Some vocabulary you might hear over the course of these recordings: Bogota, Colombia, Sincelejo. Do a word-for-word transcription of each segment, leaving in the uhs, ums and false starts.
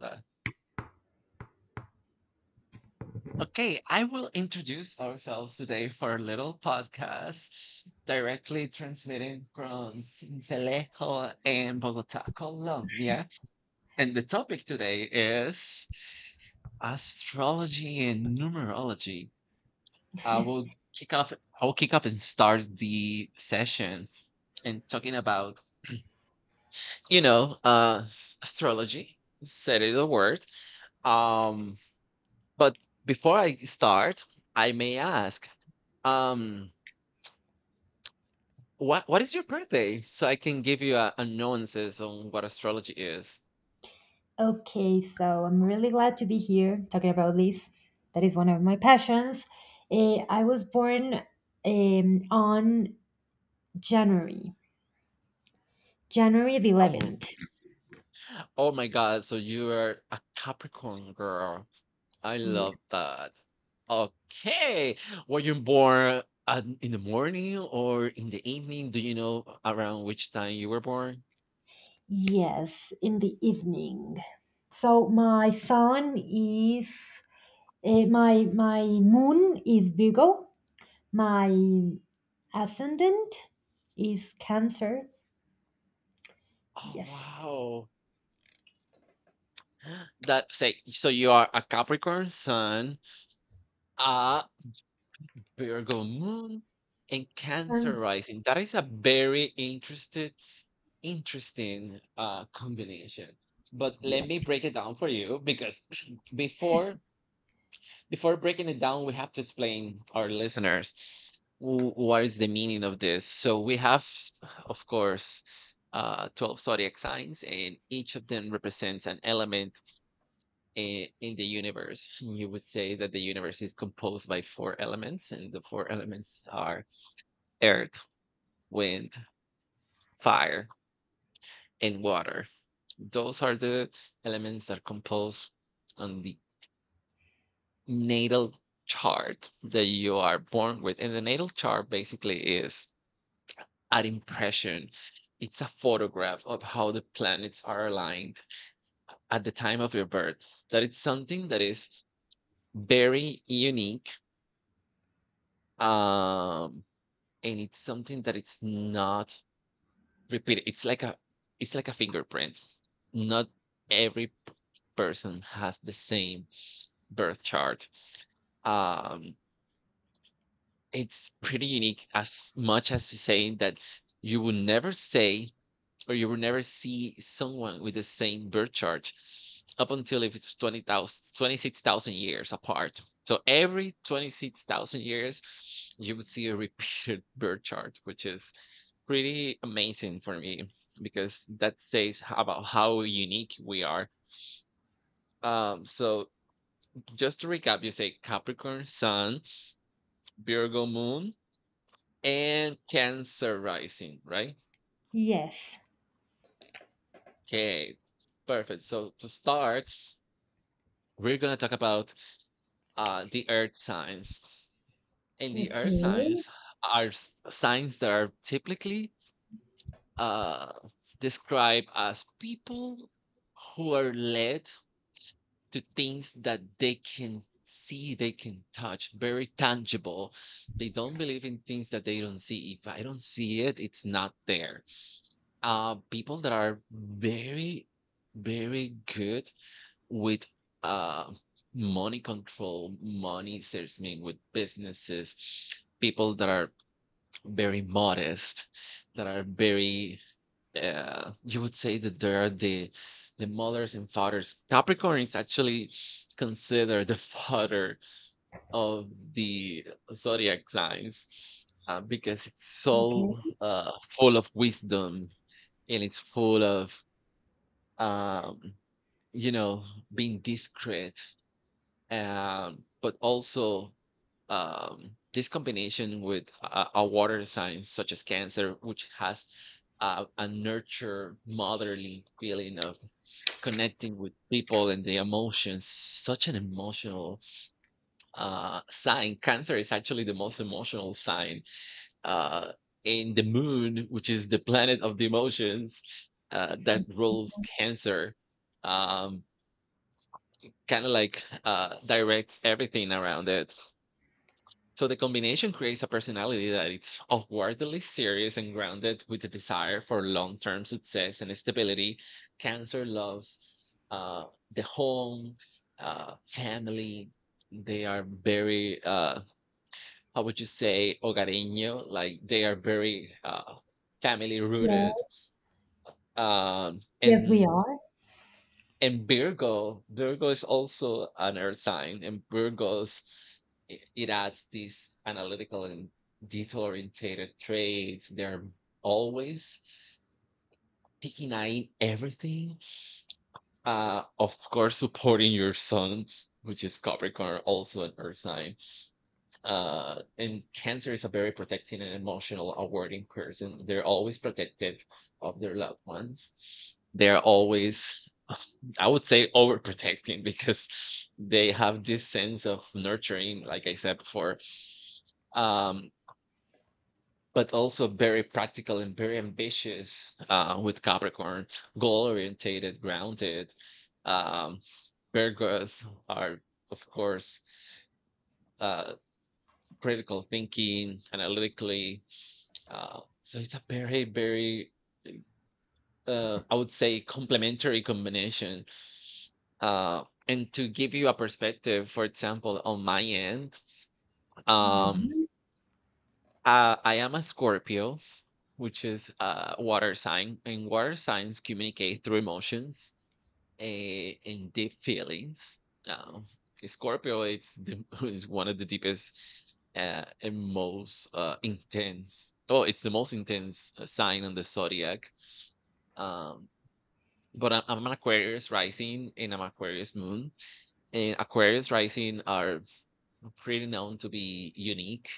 Uh, Okay, I will introduce ourselves today for a little podcast directly transmitting from Sincelejo in Bogota, Colombia. And the topic today is astrology and numerology. I will kick off, I will kick off and start the session and talking about, you know, uh, s- astrology, said it a word. Um, But before I start, I may ask, um, what what is your birthday? So I can give you a, a nuances on what astrology is. Okay, so I'm really glad to be here talking about this. That is one of my passions. Eh, I was born um, on January, January the Oh, eleventh. oh my God! So you are a Capricorn girl. I Yeah. love that. Okay, were you born at, in the morning or in the evening? Do you know around which time you were born? Yes, in the evening. So my sun is eh, my my moon is Virgo. My ascendant is Cancer. Oh Yes. wow! That say so you are a Capricorn sun, uh, Virgo moon and Cancer Um, rising. That is a very interested, interesting uh, combination. But let me yes. break it down for you because before before breaking it down, we have to explain our listeners wh- what is the meaning of this. So we have, of course, uh, twelve zodiac signs, and each of them represents an element in, in the universe. You would say that the universe is composed by four elements, and the four elements are earth, wind, fire, and water. Those are the elements that compose on the natal chart that you are born with. And the natal chart basically is an impression. It's a photograph of how the planets are aligned at the time of your birth. That it's something that is very unique. Um, and it's something that it's not repeat it. It's like a it's like a fingerprint. Not every p- person has the same birth chart. Um, it's pretty unique as much as saying that you will never say or you will never see someone with the same birth chart up until if it's twenty thousand, twenty six thousand years apart. So every twenty-six thousand years you would see a repeated birth chart, which is pretty amazing for me because that says h- about how unique we are. Um, so just to recap, you say Capricorn Sun, Virgo Moon, and Cancer Rising, right? Yes. Okay, perfect. So to start, we're gonna talk about uh, the Earth signs, and the Earth Okay. signs are s- signs that are typically uh, described as people who are led to things that they can see, they can touch, very tangible. They don't believe in things that they don't see. If I don't see it, it's not there. Uh, people that are very, very good with uh, money control, money salesmen, with businesses, people that are very modest, that are very uh, you would say that they are the the mothers and fathers. Capricorn is actually considered the father of the zodiac signs uh, because it's so Okay. uh, full of wisdom and it's full of um, you know being discreet, um, but also um, this combination with uh, a water sign such as Cancer, which has uh, a nurture motherly feeling of connecting with people and the emotions, such an emotional uh, sign. Cancer is actually the most emotional sign, uh, in the moon, which is the planet of the emotions uh, that rules cancer, um, kind of like uh, directs everything around it. So the combination creates a personality that is outwardly serious and grounded with a desire for long-term success and stability. Cancer loves uh, the home, uh, family. They are very, uh, how would you say, hogareño? Like they are very uh, family Yeah. rooted. Um, Yes, we and are. and Virgo, Virgo is also an earth sign, and Virgos i- it adds these analytical and detail oriented traits. They're always picking eyeing everything. Uh, of course, supporting your sun, which is Capricorn, also an earth sign. Uh, and Cancer is a very protecting and emotional, awarding person. They're always protective of their loved ones. They're always, I would say, overprotecting because they have this sense of nurturing, like I said before, um, but also very practical and very ambitious uh, with Capricorn, goal orientated, grounded. Um, Virgos are, of course, uh, critical thinking, analytically. Uh, so it's a very, very uh, I would say complementary combination. Uh, and to give you a perspective, for example, on my end, Yeah. um, uh, I am a Scorpio, which is a water sign, and water signs communicate through emotions, eh, and deep feelings. Um, okay, Scorpio is the, is one of the deepest uh, and most uh, intense. Oh, it's the most intense uh, sign on the zodiac. Um, But I'm, I'm an Aquarius rising and I'm Aquarius moon. And Aquarius rising are pretty known to be unique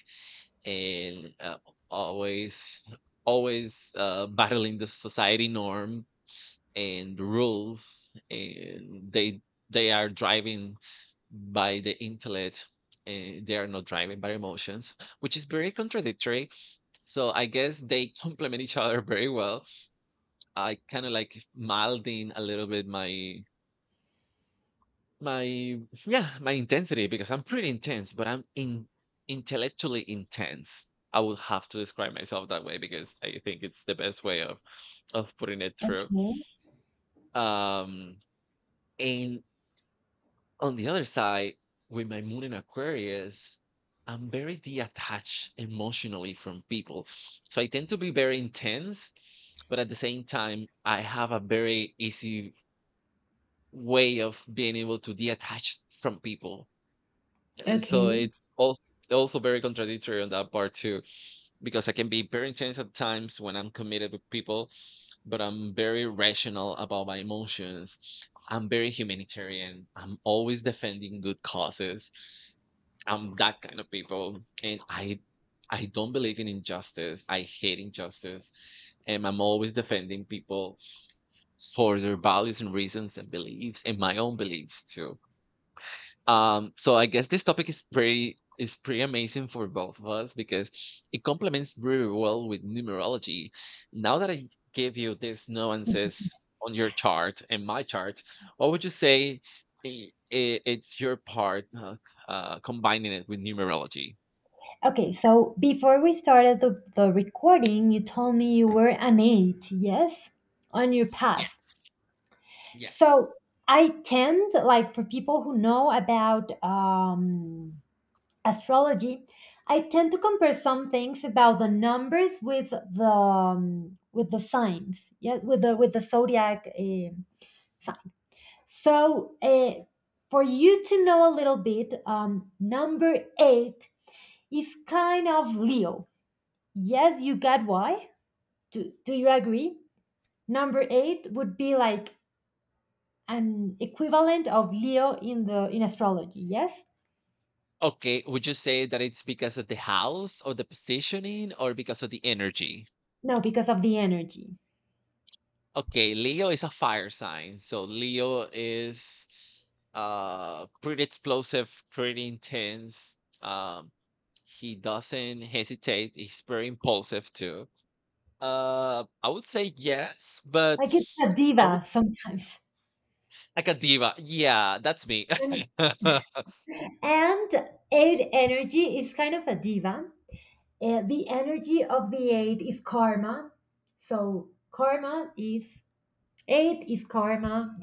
and uh, always, always uh, battling the society norm and the rules. And they they are driving by the intellect. And they are not driving by emotions, which is very contradictory. So I guess they complement each other very well. I kind of like milding a little bit my my yeah my intensity because I'm pretty intense, but I'm in intellectually intense, I would have to describe myself that way because I think it's the best way of of putting it through. Okay. um and on the other side, with my moon in Aquarius, I'm very detached emotionally from people, so I tend to be very intense, but at the same time I have a very easy way of being able to detach from people. So Okay. it's also also very contradictory on that part too, because I can be very intense at times when I'm committed with people, but I'm very rational about my emotions. I'm very humanitarian, I'm always defending good causes. I'm that kind of people, and i I don't believe in injustice. I hate injustice, and I'm always defending people for their values and reasons and beliefs, and my own beliefs too. Um, so I guess this topic is pretty is pretty amazing for both of us because it complements very well with numerology. Now that I gave you these nuances on your chart and my chart, what would you say i- i- it's your part uh, uh, combining it with numerology? Okay. So before we started the, the recording, you told me you were an eight, yes? On your path. Yes. Yes. So I tend, like for people who know about um, astrology, I tend to compare some things about the numbers with the um, with the signs, yeah, with the with the zodiac. Um, So, uh, for you to know a little bit, um, number eight is kind of Leo. Yes, you got why. Do, do you agree? Number eight would be like an equivalent of Leo in the in astrology. Yes? Okay, would you say that it's because of the house or the positioning or because of the energy? No, because of the energy. Okay, Leo is a fire sign. So Leo is uh pretty explosive, pretty intense. Um he doesn't hesitate, he's very impulsive too. Uh I would say yes, but Like it's a I would diva sometimes. like a diva. Yeah, that's me. And, and eight energy is kind of a diva. Uh, the energy of the eight is karma. So karma is Eight is karma.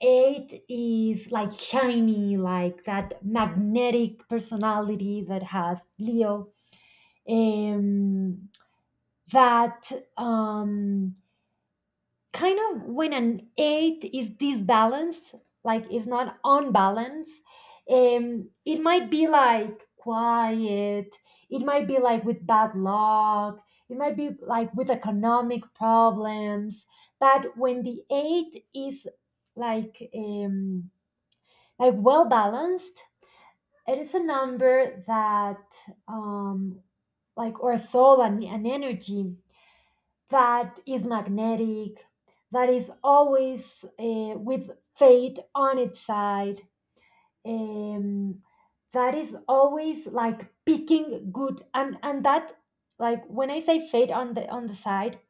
Eight is like shiny, like that magnetic personality that has Leo. Um, that um, kind of when an eight is disbalanced, like is not on balance, um, it might be like quiet, it might be like with bad luck, it might be like with economic problems. But when the eight is like um, like well balanced, it is a number that um, like or a soul and an energy that is magnetic, that is always uh, with fate on its side, um, that is always like picking good, and and that, like when I say fate on the on the side,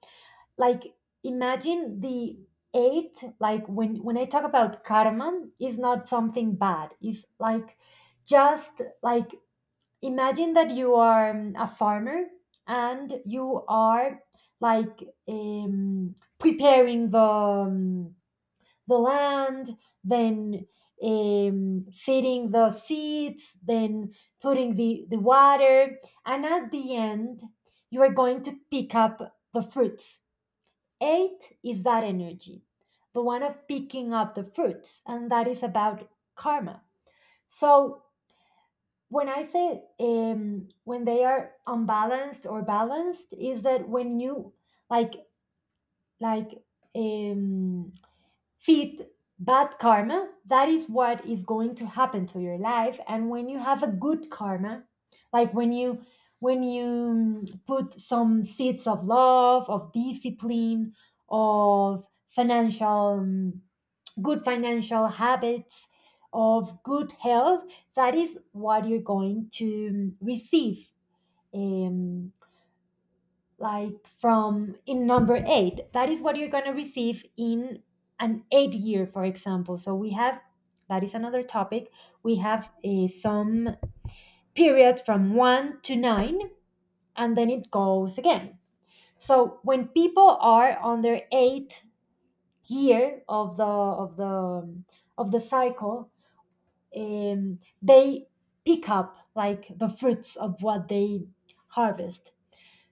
like imagine the eight, like when when I talk about karma, is not something bad. It's like just like imagine that you are um, a farmer, and you are like um, preparing the um, the land, then um, feeding the seeds, then putting the, the water, and at the end you are going to pick up the fruits. Eight is that energy, the one of picking up the fruits, and that is about karma. So when I say um, when they are unbalanced or balanced, is that when you like like um, feed bad karma, that is what is going to happen to your life. And when you have a good karma, like when you when you mm, put some seeds of love, of discipline, of financial mm, good financial habits, of good health, that is what you're going to um, receive. Um, like from in number eight, that is what you're going to receive in an eight year, for example. So we have that is another topic. We have uh, some period from one to nine, and then it goes again. So when people are on their eighth year of the of the of the cycle, um, they pick up like the fruits of what they harvest.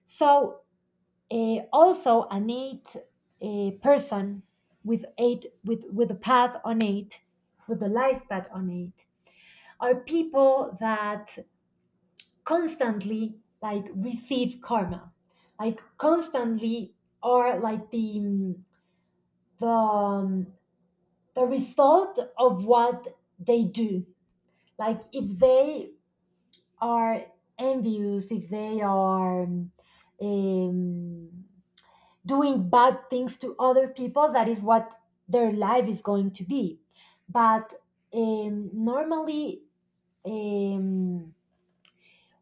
So uh, also an eight uh, person with eight, with with a path on eight, with a life path on eight, are people that constantly like receive karma, like constantly are like the mm, the um, the result of what they do. Like if they are envious, if they are um, doing bad things to other people, that is what their life is going to be. But um, normally, um,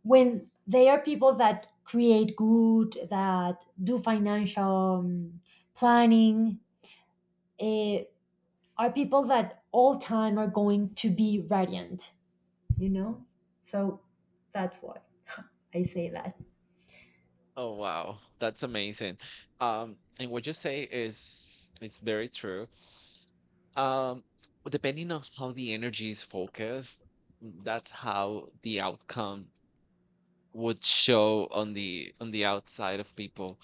when they are people that create good, that do financial um, planning, eh, are people that all time are going to be radiant, you know? So that's why I say that. Oh wow, that's amazing. Um and what you say is it's very true. Um Depending on how the energy is focused, that's how the outcome would show on the on the outside of people,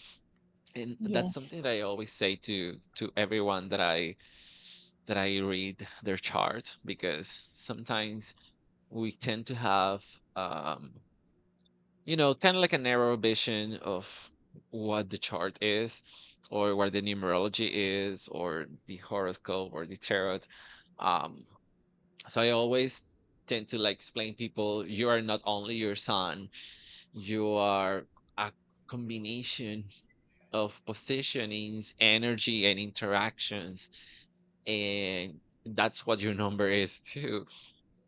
and that's Yes. something that I always say to to everyone that i that I read their chart, because sometimes we tend to have um you know kind of like a narrow vision of what the chart is or what the numerology is or the horoscope or the tarot. um so I always tend to like explain people, you are not only your sun. You are a combination of positionings, energy, and interactions. And that's what your number is too,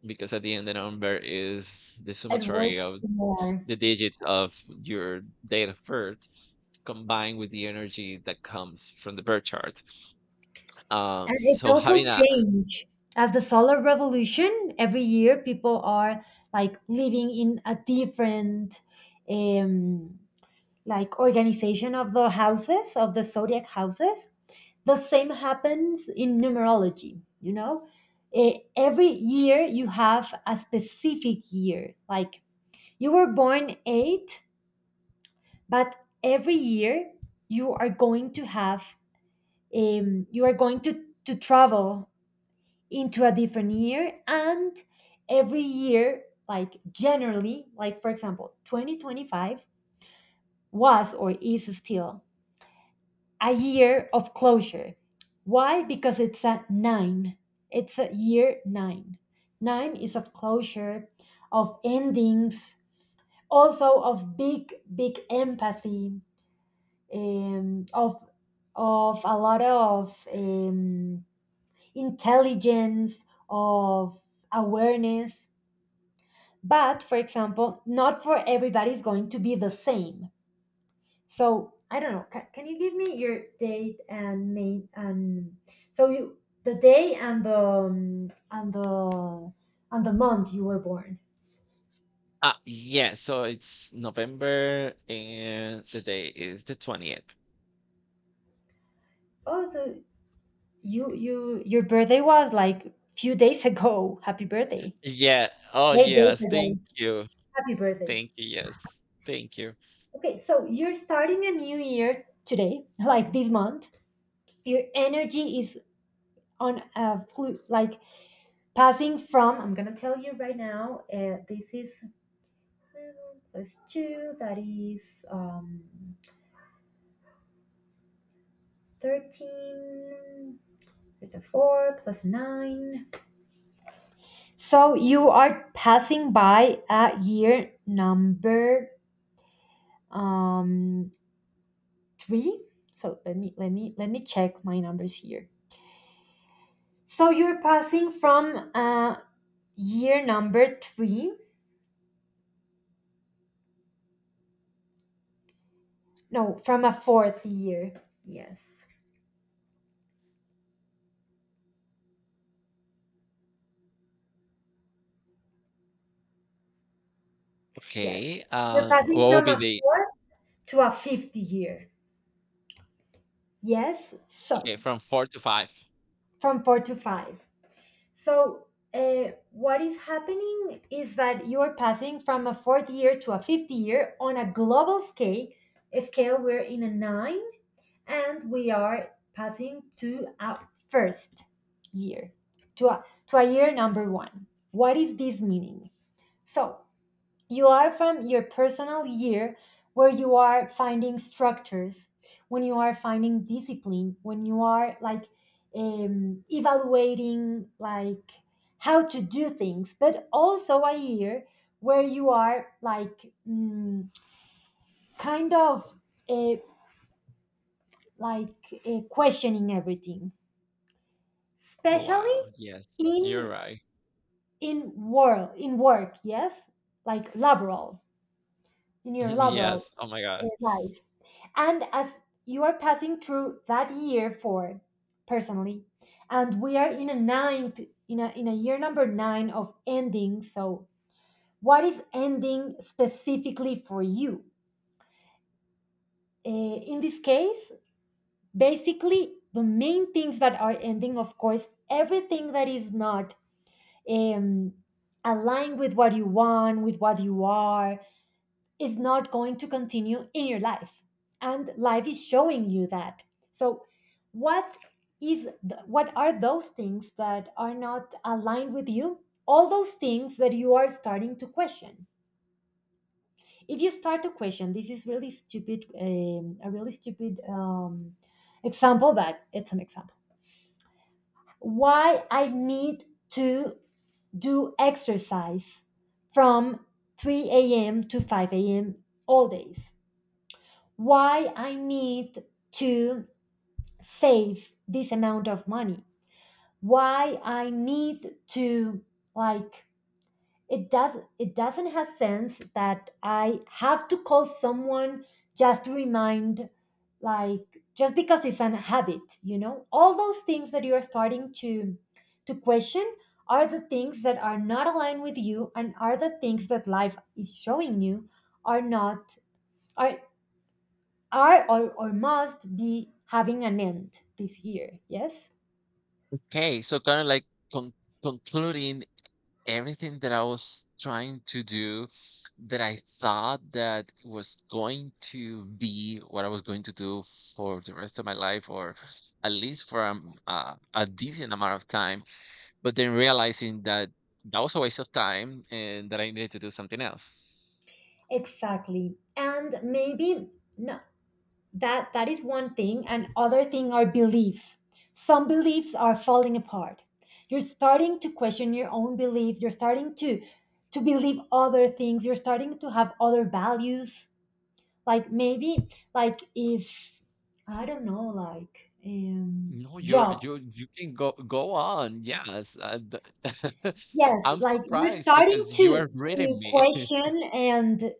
because at the end, the number is the It summatory works of more. the digits of your date of birth combined with the energy that comes from the birth chart. Um, And it's so also having a change. As the solar revolution, every year people are like living in a different um like organization of the houses, of the zodiac houses. The same happens in numerology, you know? Eh, every year you have a specific year. Like you were born eight, but every year you are going to have um, you are going to to travel into a different year. And every year, like generally, like for example, twenty twenty-five was or is still a year of closure. Why? Because it's a nine. It's a year nine. Nine is of closure, of endings, also of big big empathy, um, of of a lot of um, intelligence, of awareness. But for example, not for everybody is going to be the same. So I don't know. Can, can you give me your date and name, and so you the day and the um, and the and the month you were born? uh, yeah, so it's November and the day is the twentieth. Oh, so you you your birthday was like few days ago. Happy birthday! Yeah. Oh, Eight days yes. ago. Thank you. Happy birthday. Thank you, yes. Thank you. Okay, so you're starting a new year today, like this month, your energy is on a flu, like passing from, I'm gonna tell you right now. Uh, this is, uh, plus two, that is um thirteen. There's a four plus nine, so you are passing by at year number um three. So let me let me let me check my numbers here. So you're passing from uh year number three. No, from a fourth year. Yes. Yes. Okay, You're uh, what passing will from be a the fourth to a fifth year. Yes. okay, So, from four to five. from four to five. So, uh, what is happening is that you are passing from a fourth year to a fifth year on a global scale. scale, We're in a nine, and we are passing to a first year, to a, to a year number one. What is this meaning? So, you are from your personal year where you are finding structures, when you are finding discipline, when you are like um, evaluating like how to do things, but also a year where you are like mm, kind of uh, like uh, questioning everything, Oh, especially wow, yes, you're in right. in world in work, yes, like laboral, in your laboral Yes, oh my uh, god. life. And as you are passing through that year for personally, and we are in a ninth in a, in a year number nine of ending. So what is ending specifically for you, uh, in this case? Basically the main things that are ending, of course, everything that is not um, aligned with what you want, with what you are, is not going to continue in your life, and life is showing you that. So what is th- what are those things that are not aligned with you? All those things that you are starting to question. If you start to question, this is really stupid, um, a really stupid um, example, but it's an example. Why I need to do exercise from three a m to five a m all days? Why I need to save this amount of money? Why I need to, like, it does it doesn't have sense that I have to call someone just to remind, like, just because it's an habit, you know? All those things that you are starting to to question are the things that are not aligned with you, and are the things that life is showing you are not, are are, or, or must be having an end this year. Yes. Okay, so kinda like con concluding everything that I was trying to do, that I thought that was going to be what I was going to do for the rest of my life, or at least for um, uh, a decent amount of time, but then realizing that that was a waste of time and that I needed to do something else. Exactly. And maybe, no, that that is one thing. And other thing are beliefs. Some beliefs are falling apart. You're starting to question your own beliefs. You're starting to to believe other things. You're starting to have other values. Like maybe, like if I don't know, like um No, you're job. you you can go go on. Yes, uh, th- Yes, I'm like you're surprised starting because you to are reading to me. question, and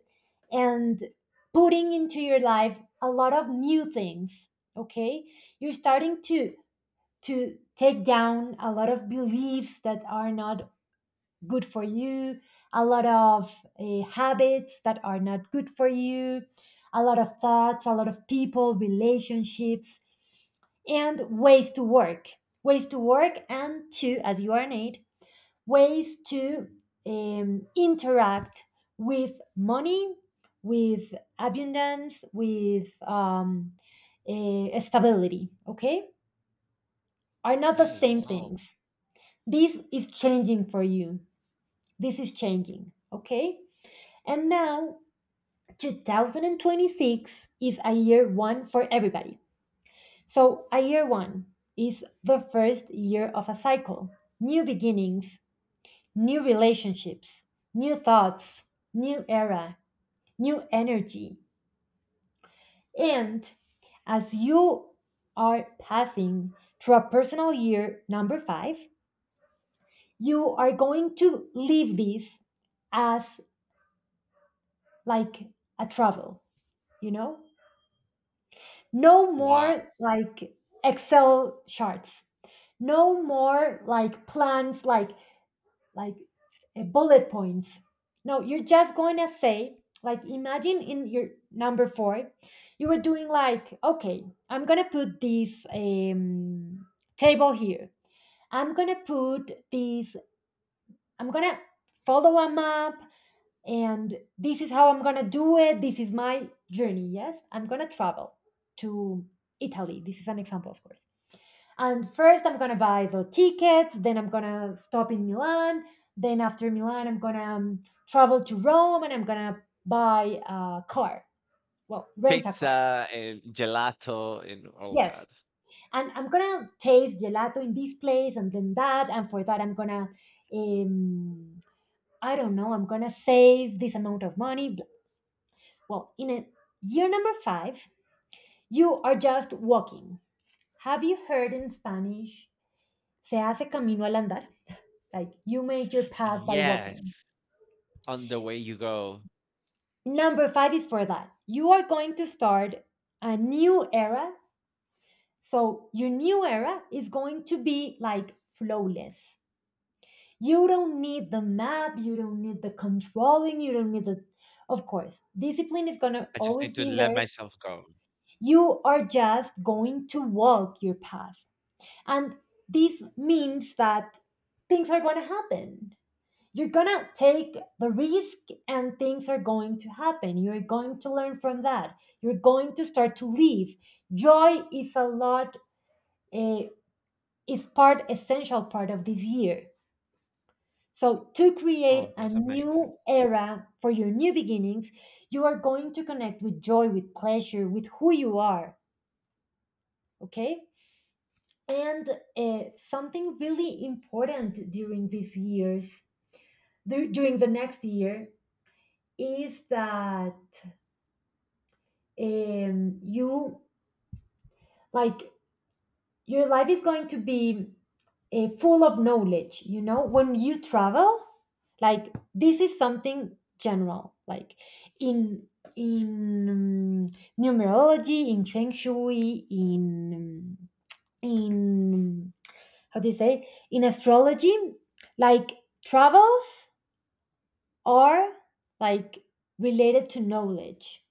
and putting into your life a lot of new things, okay? You're starting to to take down a lot of beliefs that are not good for you, a lot of uh, habits that are not good for you, a lot of thoughts, a lot of people, relationships, and ways to work. Ways to work, and to, as you are an, ways to um, interact with money, with abundance, with um, eh, stability, okay? Are not the Hey! same wow, things. This is changing for you. This is changing, okay? And now two thousand twenty-six is a year one for everybody. So, a year one is the first year of a cycle, new beginnings, new relationships, new thoughts, new era, new energy. And as you are passing through a personal year number five, you are going to leave this as like a travel, you know? No wow. more like Excel charts. No more like plans, like like uh, bullet points. No, you're just going to say, like, imagine in your number four, you were doing like, okay, I'm going to put this um, table here. I'm going to put this, I'm going to follow a map, and this is how I'm going to do it. This is my journey. Yes, I'm going to travel to Italy. This is an example, of course. And first, I'm gonna buy the tickets. Then I'm gonna stop in Milan. Then after Milan, I'm gonna um, travel to Rome, and I'm gonna buy a car. Well, rent a car. Pizza and gelato and all Yes, that. and I'm gonna taste gelato in this place, and then that, and for that, I'm gonna, um, I don't know, I'm gonna save this amount of money. Bl- Well, in a year number five, you are just walking. Have you heard in Spanish Se hace camino al andar. Like you make your path by walking. Yes, on the way you go. Number five is for that. You are going to start a new era. So your new era is going to be like flawless. You don't need the map. You don't need the controlling. You don't need the, of course, discipline is going to I just always need to be let there. myself go. You are just going to walk your path. And this means that things are going to happen. You're gonna take the risk, and things are going to happen. You're going to learn from that. You're going to start to live. Joy is a lot, uh, is part essential part of this year. So to create Oh, a that's amazing. new era for your new beginnings, you are going to connect with joy, with pleasure, with who you are. Okay. And uh, something really important during these years, dur- during the next year, is that um, you, like, your life is going to be uh, full of knowledge. You know when you travel, like, this is something general. Like, in in um, numerology, in feng shui, in um, in how do you say, in astrology, like, travels are, like, related to knowledge.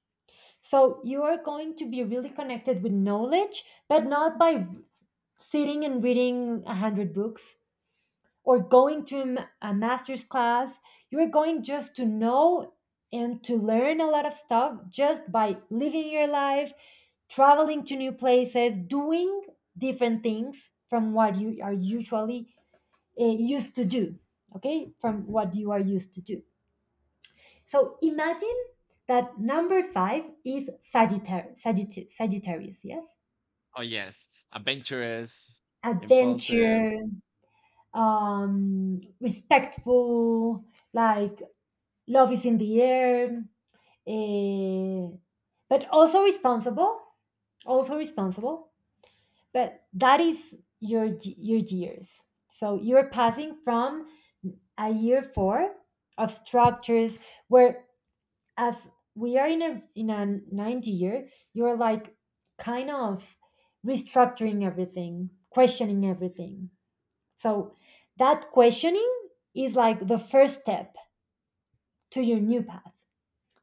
So you are going to be really connected with knowledge, but not by sitting and reading a hundred books, or going to a ma- a master's class. You're going just to know and to learn a lot of stuff just by living your life, traveling to new places, doing different things from what you are usually uh, used to do. Okay, from what you are used to do. So imagine that number five is Sagittarius. Sagittarius, Sagittarius, yes? Oh yes, adventurous, impulsive. Adventure, um, respectful, like, love is in the air, eh, but also responsible, also responsible. But that is your your years. So you're passing from a year four of structures where, as we are in a in a ninth year, you're, like, kind of restructuring everything, questioning everything. So that questioning is like the first step to your new path.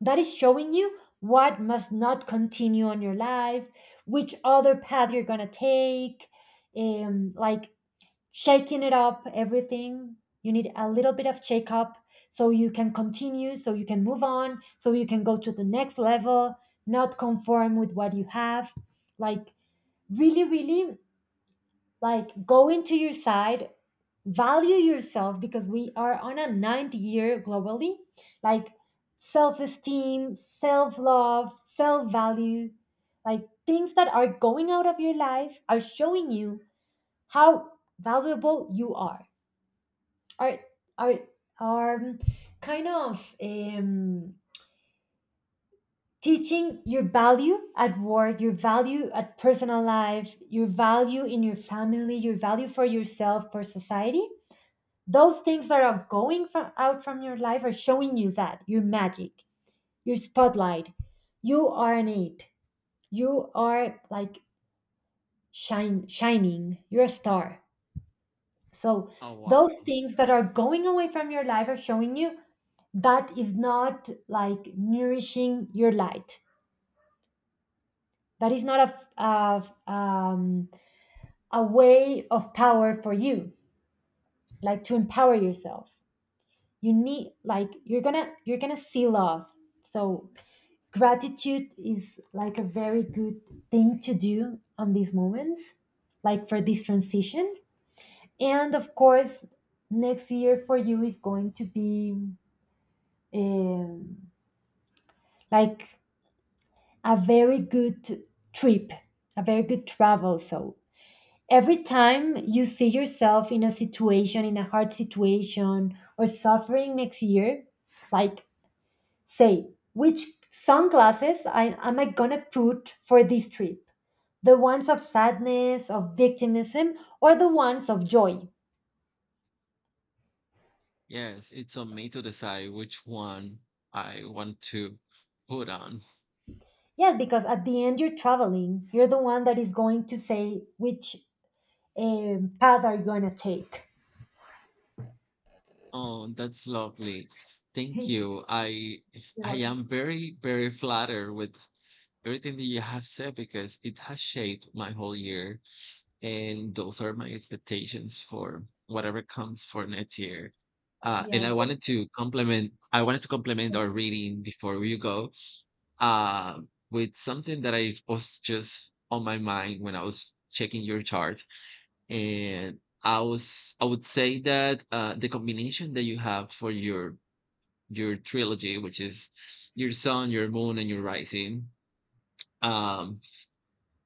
That is showing you what must not continue on your life, which other path you're gonna take, um, like, shaking it up, everything. You need a little bit of shake up, so you can continue, so you can move on, so you can go to the next level, not conform with what you have. Like, really, really, like, go into your side, value yourself, because we are on a ninth year globally. Like, self-esteem, self-love, self-value. Like, things that are going out of your life are showing you how valuable you are are are are, um, kind of, um teaching your value at work, your value at personal life, your value in your family, your value for yourself, for society. Those things that are going from out from your life are showing you that your magic, your spotlight, you are an it, you are, like, shine shining, you're a star. So Oh wow. those things that are going away from your life are showing you that is not, like, nourishing your light, that is not a, f- a f- um, a way of power for you, like, to empower yourself. You need, like, you're gonna you're gonna see love. So gratitude is like a very good thing to do on these moments, like, for this transition. And of course, next year for you is going to be, um, like, a very good trip, a very good travel. So every time you see yourself in a situation, in a hard situation, or suffering next year, like, say, which sunglasses I, am I gonna put for this trip? The ones of sadness, of victimism, or the ones of joy? Yes, it's on me to decide which one I want to put on. Yes, because at the end you're traveling. You're the one that is going to say which um, path are you gonna take. Oh, that's lovely. Thank You're you. I I welcome. am very very flattered with everything that you have said because it has shaped my whole year, and those are my expectations for whatever comes for next year. Uh, Yeah, and I it's just wanted to compliment. I wanted to compliment our reading before we go, uh, with something that I was just on my mind when I was checking your chart, and I was I would say that uh, the combination that you have for your your trilogy, which is your sun, your moon, and your rising, um,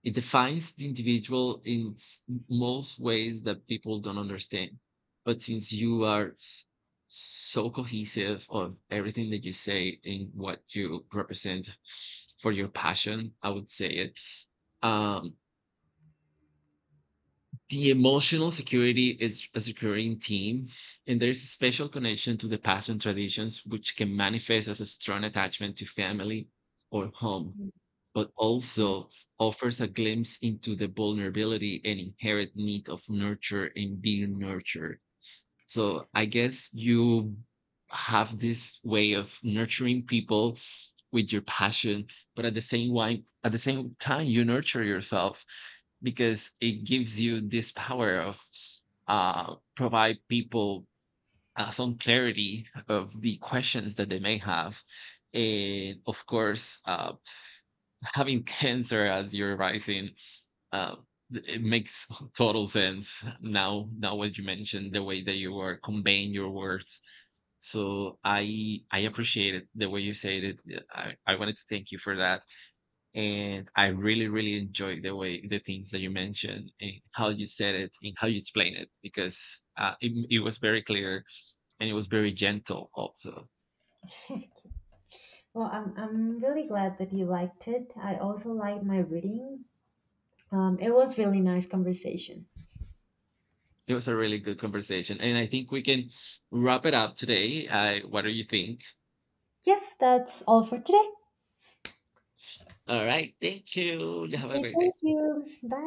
it defines the individual in s- most ways that people don't understand. But since you are s- so cohesive of everything that you say and what you represent for your passion, I would say it. Um, the emotional security is a securing team, and there's a special connection to the past and traditions, which can manifest as a strong attachment to family or home, but also offers a glimpse into the vulnerability and inherent need of nurture and being nurtured. So I guess you have this way of nurturing people with your passion, but at the same wine, at the same time you nurture yourself, because it gives you this power of uh, provide people uh, some clarity of the questions that they may have, and of course, uh, having cancer as you're rising, uh, th- it makes total sense now now what you mentioned the way that you were conveying your words. So i I appreciate it the way you said it. Yeah, i, I wanted to thank you for that, and I really really enjoyed the way, the things that you mentioned and how you said it and how you explained it, because uh, it, it was very clear and it was very gentle also. well, I'm I'm really glad that you liked it. I also liked my reading. Um, it was really nice conversation. It was a really good conversation, and I think we can wrap it up today. Uh, what do you think? Yes, that's all for today. All right. Thank you. You have a Okay, great thank day. you. Bye.